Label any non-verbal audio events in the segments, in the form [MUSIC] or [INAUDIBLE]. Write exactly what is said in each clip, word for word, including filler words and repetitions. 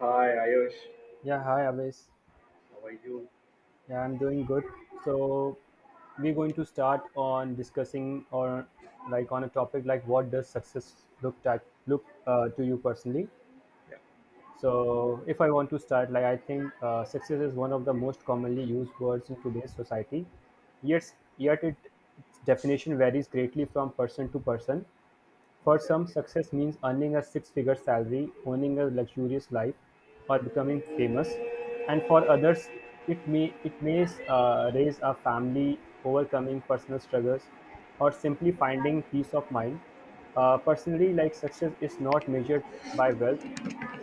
Hi Ayush, Yeah, hi Avis. how are you? Yeah, I'm doing good. So we're going to start on discussing or like on a topic like what does success look like look uh, to you personally. Yeah, So if I want to start, like I think uh, success is one of the most commonly used words in today's society. Yet, yet it, its definition varies greatly from person to person. For some, exactly. success means earning a six-figure salary, owning a luxurious life, or becoming famous. And for others, it may it may uh, raise a family, overcoming personal struggles, or simply finding peace of mind. Uh, personally, like success is not measured by wealth,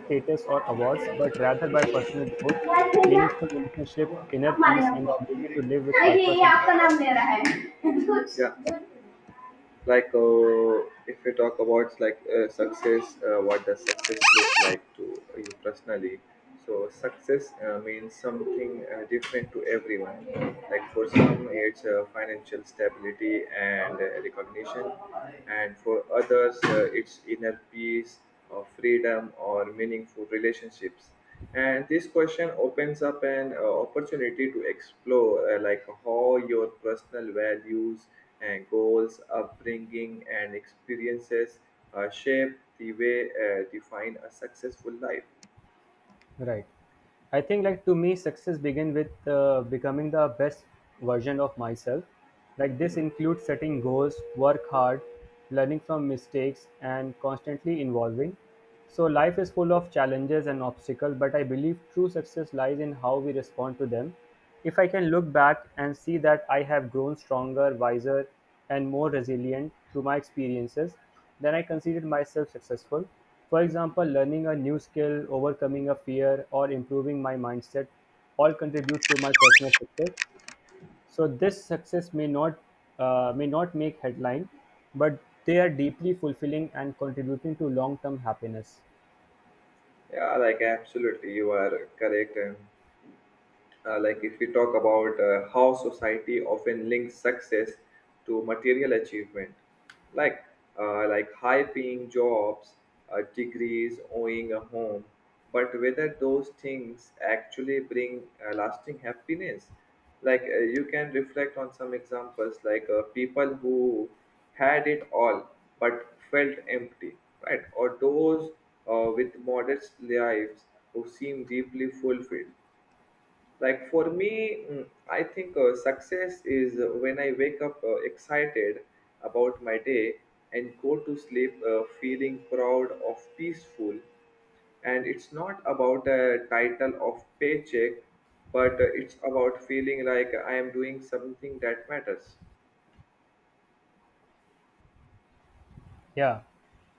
status, or awards, but rather by personal growth, यार भैया meaningful relationship, inner अब मारे peace, and the हमको ability to live with देखिए purpose ये and. fulfillment. आपका नाम ले रहा है [LAUGHS] Yeah, like uh, if we talk about like uh, success, uh, what does success look like to you personally? So success uh, means something uh, different to everyone. Like for some it's uh, financial stability and uh, recognition, and for others uh, it's inner peace or freedom or meaningful relationships. And this question opens up an uh, opportunity to explore, uh, like how your personal values and goals, upbringing and experiences uh, shape the way uh, define a successful life. Right. I think like to me, success begin with uh, becoming the best version of myself. Like this includes setting goals, work hard, learning from mistakes, and constantly evolving. So life is full of challenges and obstacles, but I believe true success lies in how we respond to them if I can look back and see that I have grown stronger, wiser, and more resilient through my experiences, then I consider myself successful. For example, learning a new skill, overcoming a fear, or improving my mindset all contribute to my personal success. So this success may not uh, may not make headline, but they are deeply fulfilling and contributing to long-term happiness. Yeah, like absolutely you are correct. And uh, like if we talk about uh, how society often links success to material achievement, like uh, like high paying jobs, uh, degrees, owning a home, but whether those things actually bring uh, lasting happiness. Like uh, you can reflect on some examples, like uh, people who had it all but felt empty, right? Or those uh, with modest lives who seem deeply fulfilled. Like for me, mm, I think uh, success is uh, when I wake up uh, excited about my day and go to sleep uh, feeling proud of peaceful. And it's not about a title of paycheck, but uh, it's about feeling like I am doing something that matters. Yeah.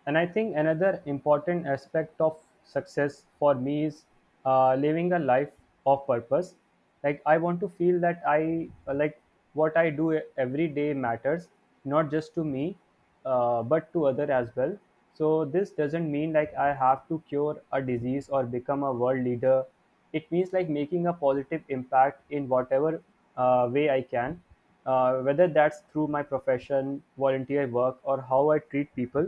And I think another important aspect of success for me is uh, living a life of purpose. Like, I want to feel that I, like, what I do every day matters, not just to me, uh, but to other as well. So, this doesn't mean like I have to cure a disease or become a world leader it means like making a positive impact in whatever uh, way I can, uh, whether that's through my profession, volunteer work, or how I treat people.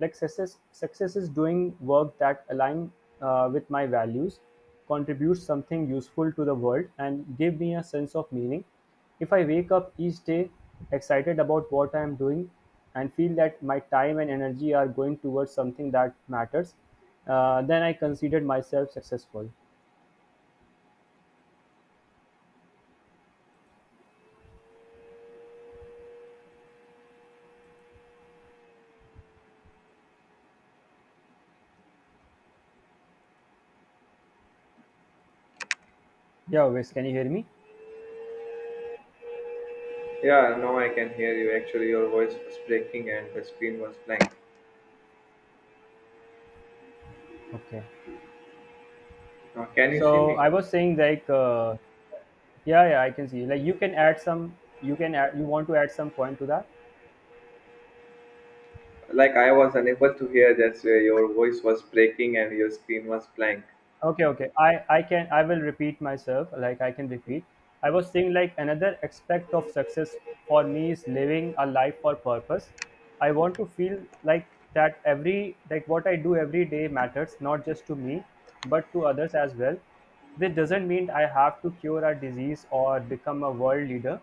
Like success, success is doing work that align uh, with my values, contributes something useful to the world, and give me a sense of meaning. If I wake up each day excited about what I am doing and feel that my time and energy are going towards something that matters, uh, then I consider myself successful. Yeah, Wes, can you hear me? Yeah, now I can hear you. Actually your voice was breaking and the screen was blank. Okay. Now can you see So me? I was saying like, uh, yeah, yeah, I can see. Like you can add some, you can add, you want to add some point to that? Like I was unable to hear that. Uh, your voice was breaking and your screen was blank. okay okay i i can, I will repeat myself, like I can repeat. I was saying like another aspect of success for me is living a life for purpose. I want to feel like that every like what I do every day matters, not just to me, but to others as well. This doesn't mean I have to cure a disease or become a world leader.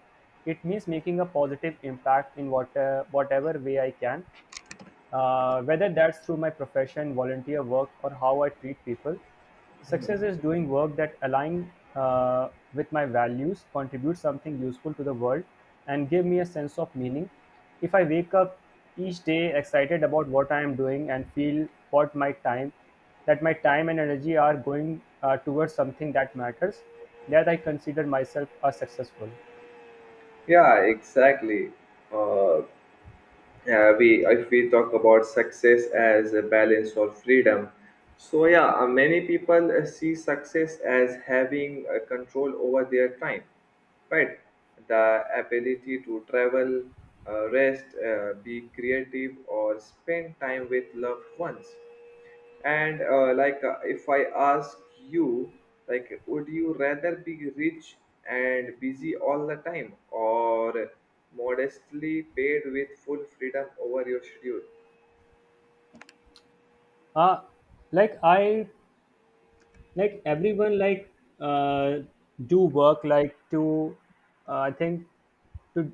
It means making a positive impact in what, uh, whatever way I can, uh, whether that's through my profession, volunteer work, or how I treat people. Success is doing work that aligns uh, with my values, contributes something useful to the world, and give me a sense of meaning. If I wake up each day excited about what I am doing and feel what my time, that my time and energy are going uh, towards something that matters, that I consider myself as successful. Yeah, exactly. Uh, yeah, we if we talk about success as a balance or freedom, so yeah, uh, many people uh, see success as having uh, control over their time, right? The ability to travel, uh, rest, uh, be creative, or spend time with loved ones. And uh, like, uh, if I ask you, like, would you rather be rich and busy all the time, or modestly paid with full freedom over your schedule? Uh, like I, like everyone, like uh, do work like to uh, I think to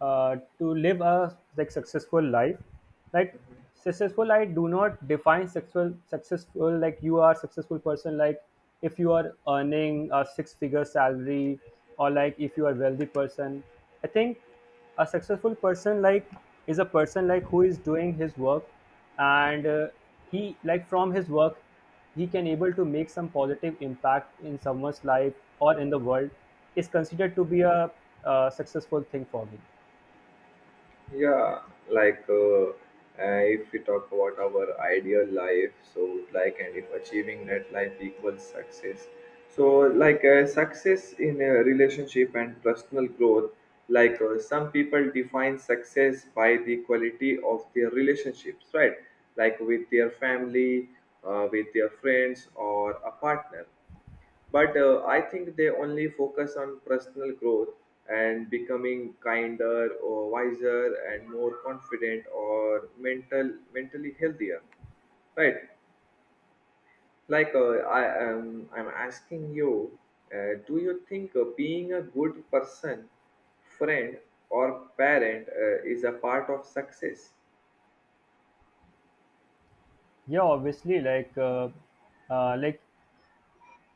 uh, to live a like successful life, like successful. I do not define successful successful like you are successful person, like if you are earning a six figure salary, or like if you are wealthy person. I think a successful person, like, is a person like who is doing his work, and uh, he like from his work he can able to make some positive impact in someone's life or in the world is considered to be a uh, successful thing for me. Yeah, like uh, uh, if we talk about our ideal life, so like, and if achieving that life equals success, so like uh, success in a relationship and personal growth, like uh, some people define success by the quality of their relationships, right? Like with their family, uh, with their friends, or a partner. But uh, I think they only focus on personal growth and becoming kinder or wiser and more confident or mental mentally healthier, right? Like uh, i am i'm asking you, uh, do you think uh, being a good person, friend, or parent uh, is a part of success? Yeah, obviously, like uh, uh, like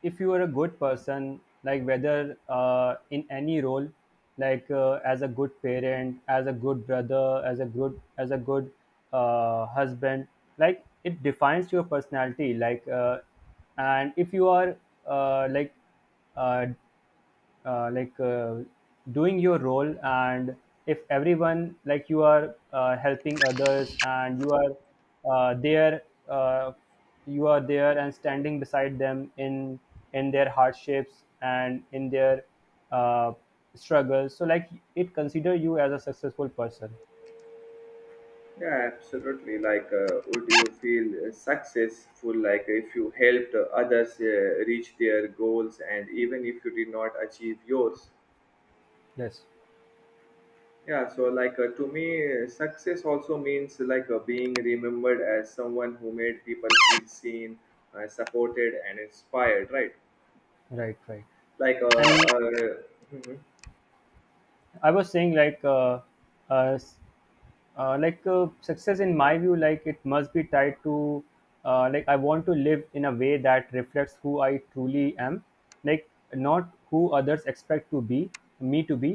if you are a good person, like whether uh, in any role, like uh, as a good parent, as a good brother, as a good as a good uh, husband, like it defines your personality, like uh, and if you are uh, like uh, uh, like uh, doing your role, and if everyone like you are uh, helping others, and you are uh, there uh, you are there and standing beside them in in their hardships and in their uh, struggles, so like it consider you as a successful person. Yeah, absolutely. Like, uh, would you feel uh, successful like if you helped uh, others uh, reach their goals, and even if you did not achieve yours? Yes. Yeah, so like, uh, to me, uh, success also means like uh, being remembered as someone who made people feel seen, uh, supported, and inspired, right? Right, right. Like, uh, And uh, mhm. I was saying like uh, uh, s- uh, like uh, success in my view, like, it must be tied to uh, like I want to live in a way that reflects who I truly am, like not who others expect to be me to be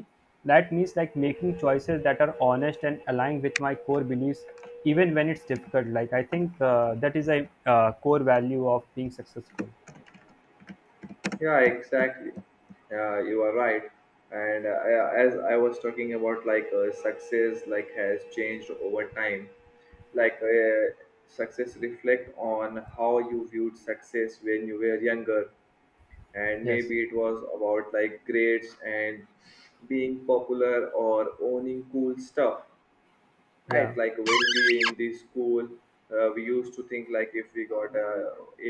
That means like making choices that are honest and aligned with my core beliefs, even when it's difficult. Like I think uh, that is a uh, core value of being successful. Yeah, exactly. Yeah, you are right. And uh, yeah, as I was talking about, like, uh, success like has changed over time. Like uh, success, reflect on how you viewed success when you were younger, and Yes. maybe it was about like grades and being popular or owning cool stuff, Yeah, right? Like when we in the school, uh, we used to think like if we got a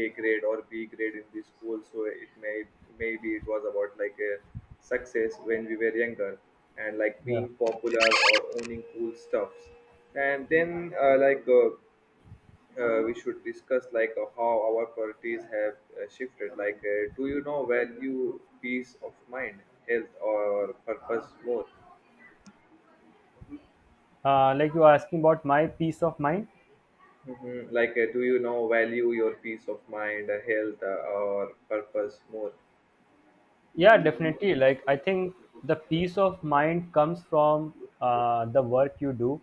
A grade or B grade in the school, so it may, maybe it was about like a success when we were younger, and like yeah. being popular or owning cool stuffs. And then uh, like uh, uh, we should discuss, like uh, how our priorities have uh, shifted. Like, uh, do you now value peace of mind, health, or purpose more? Uh, like you are asking about my peace of mind? Mhm. Like, uh, do you now value your peace of mind, uh, health, uh, or purpose more? Yeah, definitely, like I think the peace of mind comes from uh, the work you do.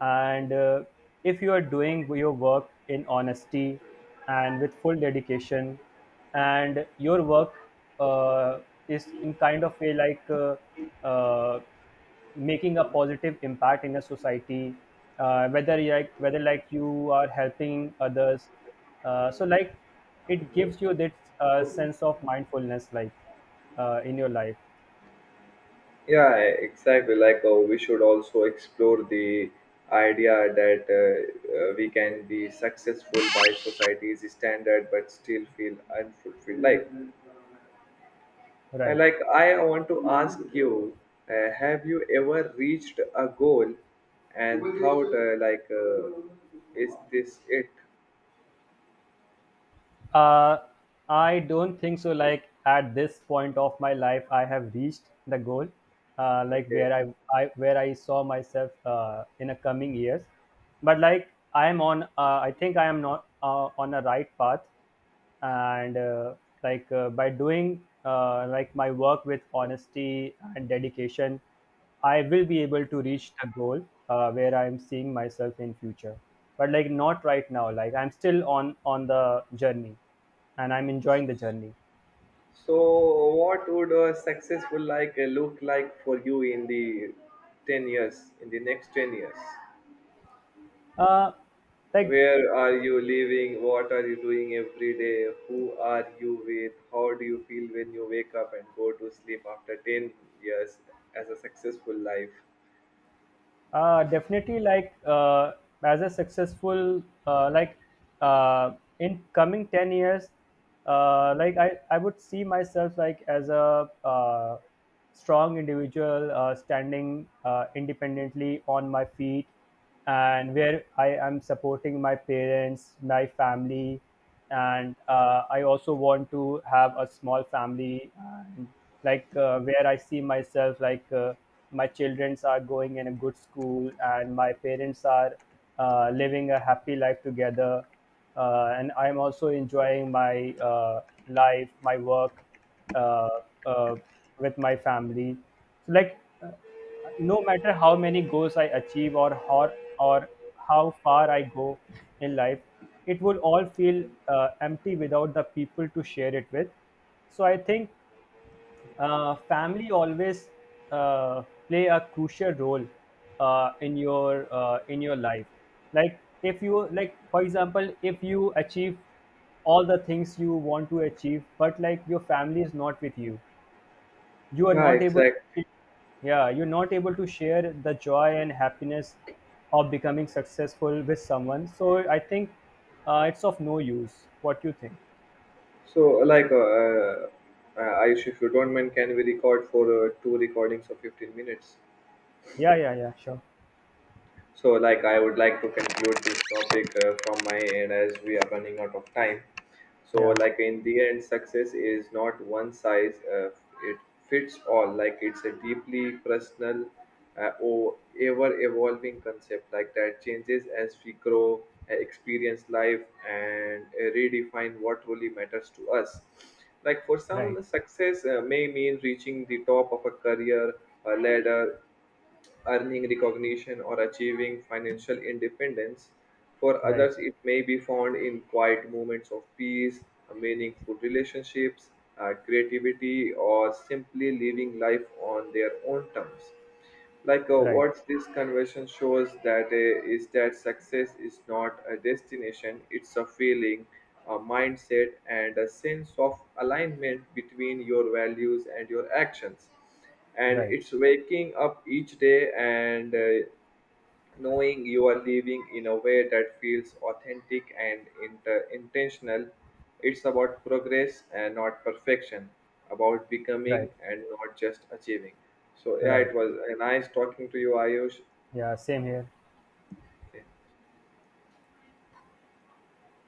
And uh, if you are doing your work in honesty and with full dedication, and your work uh, is in kind of way like uh, uh, making a positive impact in a society, uh, whether you like whether like you are helping others, uh, so like it gives you this uh, sense of mindfulness like uh, in your life. Yeah, exactly. Like, uh, we should also explore the idea that uh, uh, we can be successful by society's standard but still feel unfulfilled. Like, I Right. like I want to ask you, uh, have you ever reached a goal and how? uh, like, uh, is this it? uh, I don't think so, like at this point of my life I have reached the goal uh, like Okay. where I, I where i saw myself uh, in the coming years, but like I am on uh, I think I am not uh, on a right path. And uh, like uh, by doing uh, like my work with honesty and dedication, I will be able to reach the goal uh, where I'm seeing myself in future, but like not right now. Like I'm still on on the journey, and I'm enjoying the journey. So what would a successful like uh, look like for you in the ten years, in the next ten years? Uh, like Where are you living? What are you doing every day? Who are you with? How do you feel when you wake up and go to sleep after ten years as a successful life? Uh, definitely, like uh, as a successful uh, like uh, in coming ten years, uh, like I I would see myself like as a uh, strong individual uh, standing uh, independently on my feet, and where I am supporting my parents, my family, and uh, I also want to have a small family, and like uh, where I see myself, like uh, my childrens are going in a good school and my parents are uh, living a happy life together, uh, and I'm also enjoying my uh, life, my work uh, uh, with my family. So like. uh, no matter how many goals I achieve, or how, or how far I go in life, it would all feel uh, empty without the people to share it with. So I think uh, family always uh, play a crucial role uh, in your uh, in your life. Like if you like, for example, if you achieve all the things you want to achieve, but like your family is not with you, you are Yeah, not able. exactly. Yeah, you're not able to share the joy and happiness of becoming successful with someone. So I think uh, it's of no use, what you think. So, like, uh, uh, Ayush, if you don't mind, can we record for uh, two recordings of fifteen minutes? Yeah yeah yeah sure. So, like, I would like to conclude this topic uh, from my end as we are running out of time. So, Yeah. like, in the end, success is not one size, uh, it fits all. Like, it's a deeply personal uh, or ever evolving concept, like, that changes as we grow, uh, experience life, and uh, redefine what really matters to us. Like, for right some, success uh, may mean reaching the top of a career, a ladder, earning recognition, or achieving financial independence. For right others, it may be found in quiet moments of peace, meaningful relationships, uh, creativity, or simply living life on their own terms. Like uh, right what this conversion shows that uh, is that success is not a destination, it's a feeling, a mindset, and a sense of alignment between your values and your actions. And right it's waking up each day and uh, knowing you are living in a way that feels authentic and inter- intentional. It's about progress and not perfection, about right becoming and not just achieving. So yeah, right it was uh, nice talking to you, Ayush. Yeah, same here. Okay.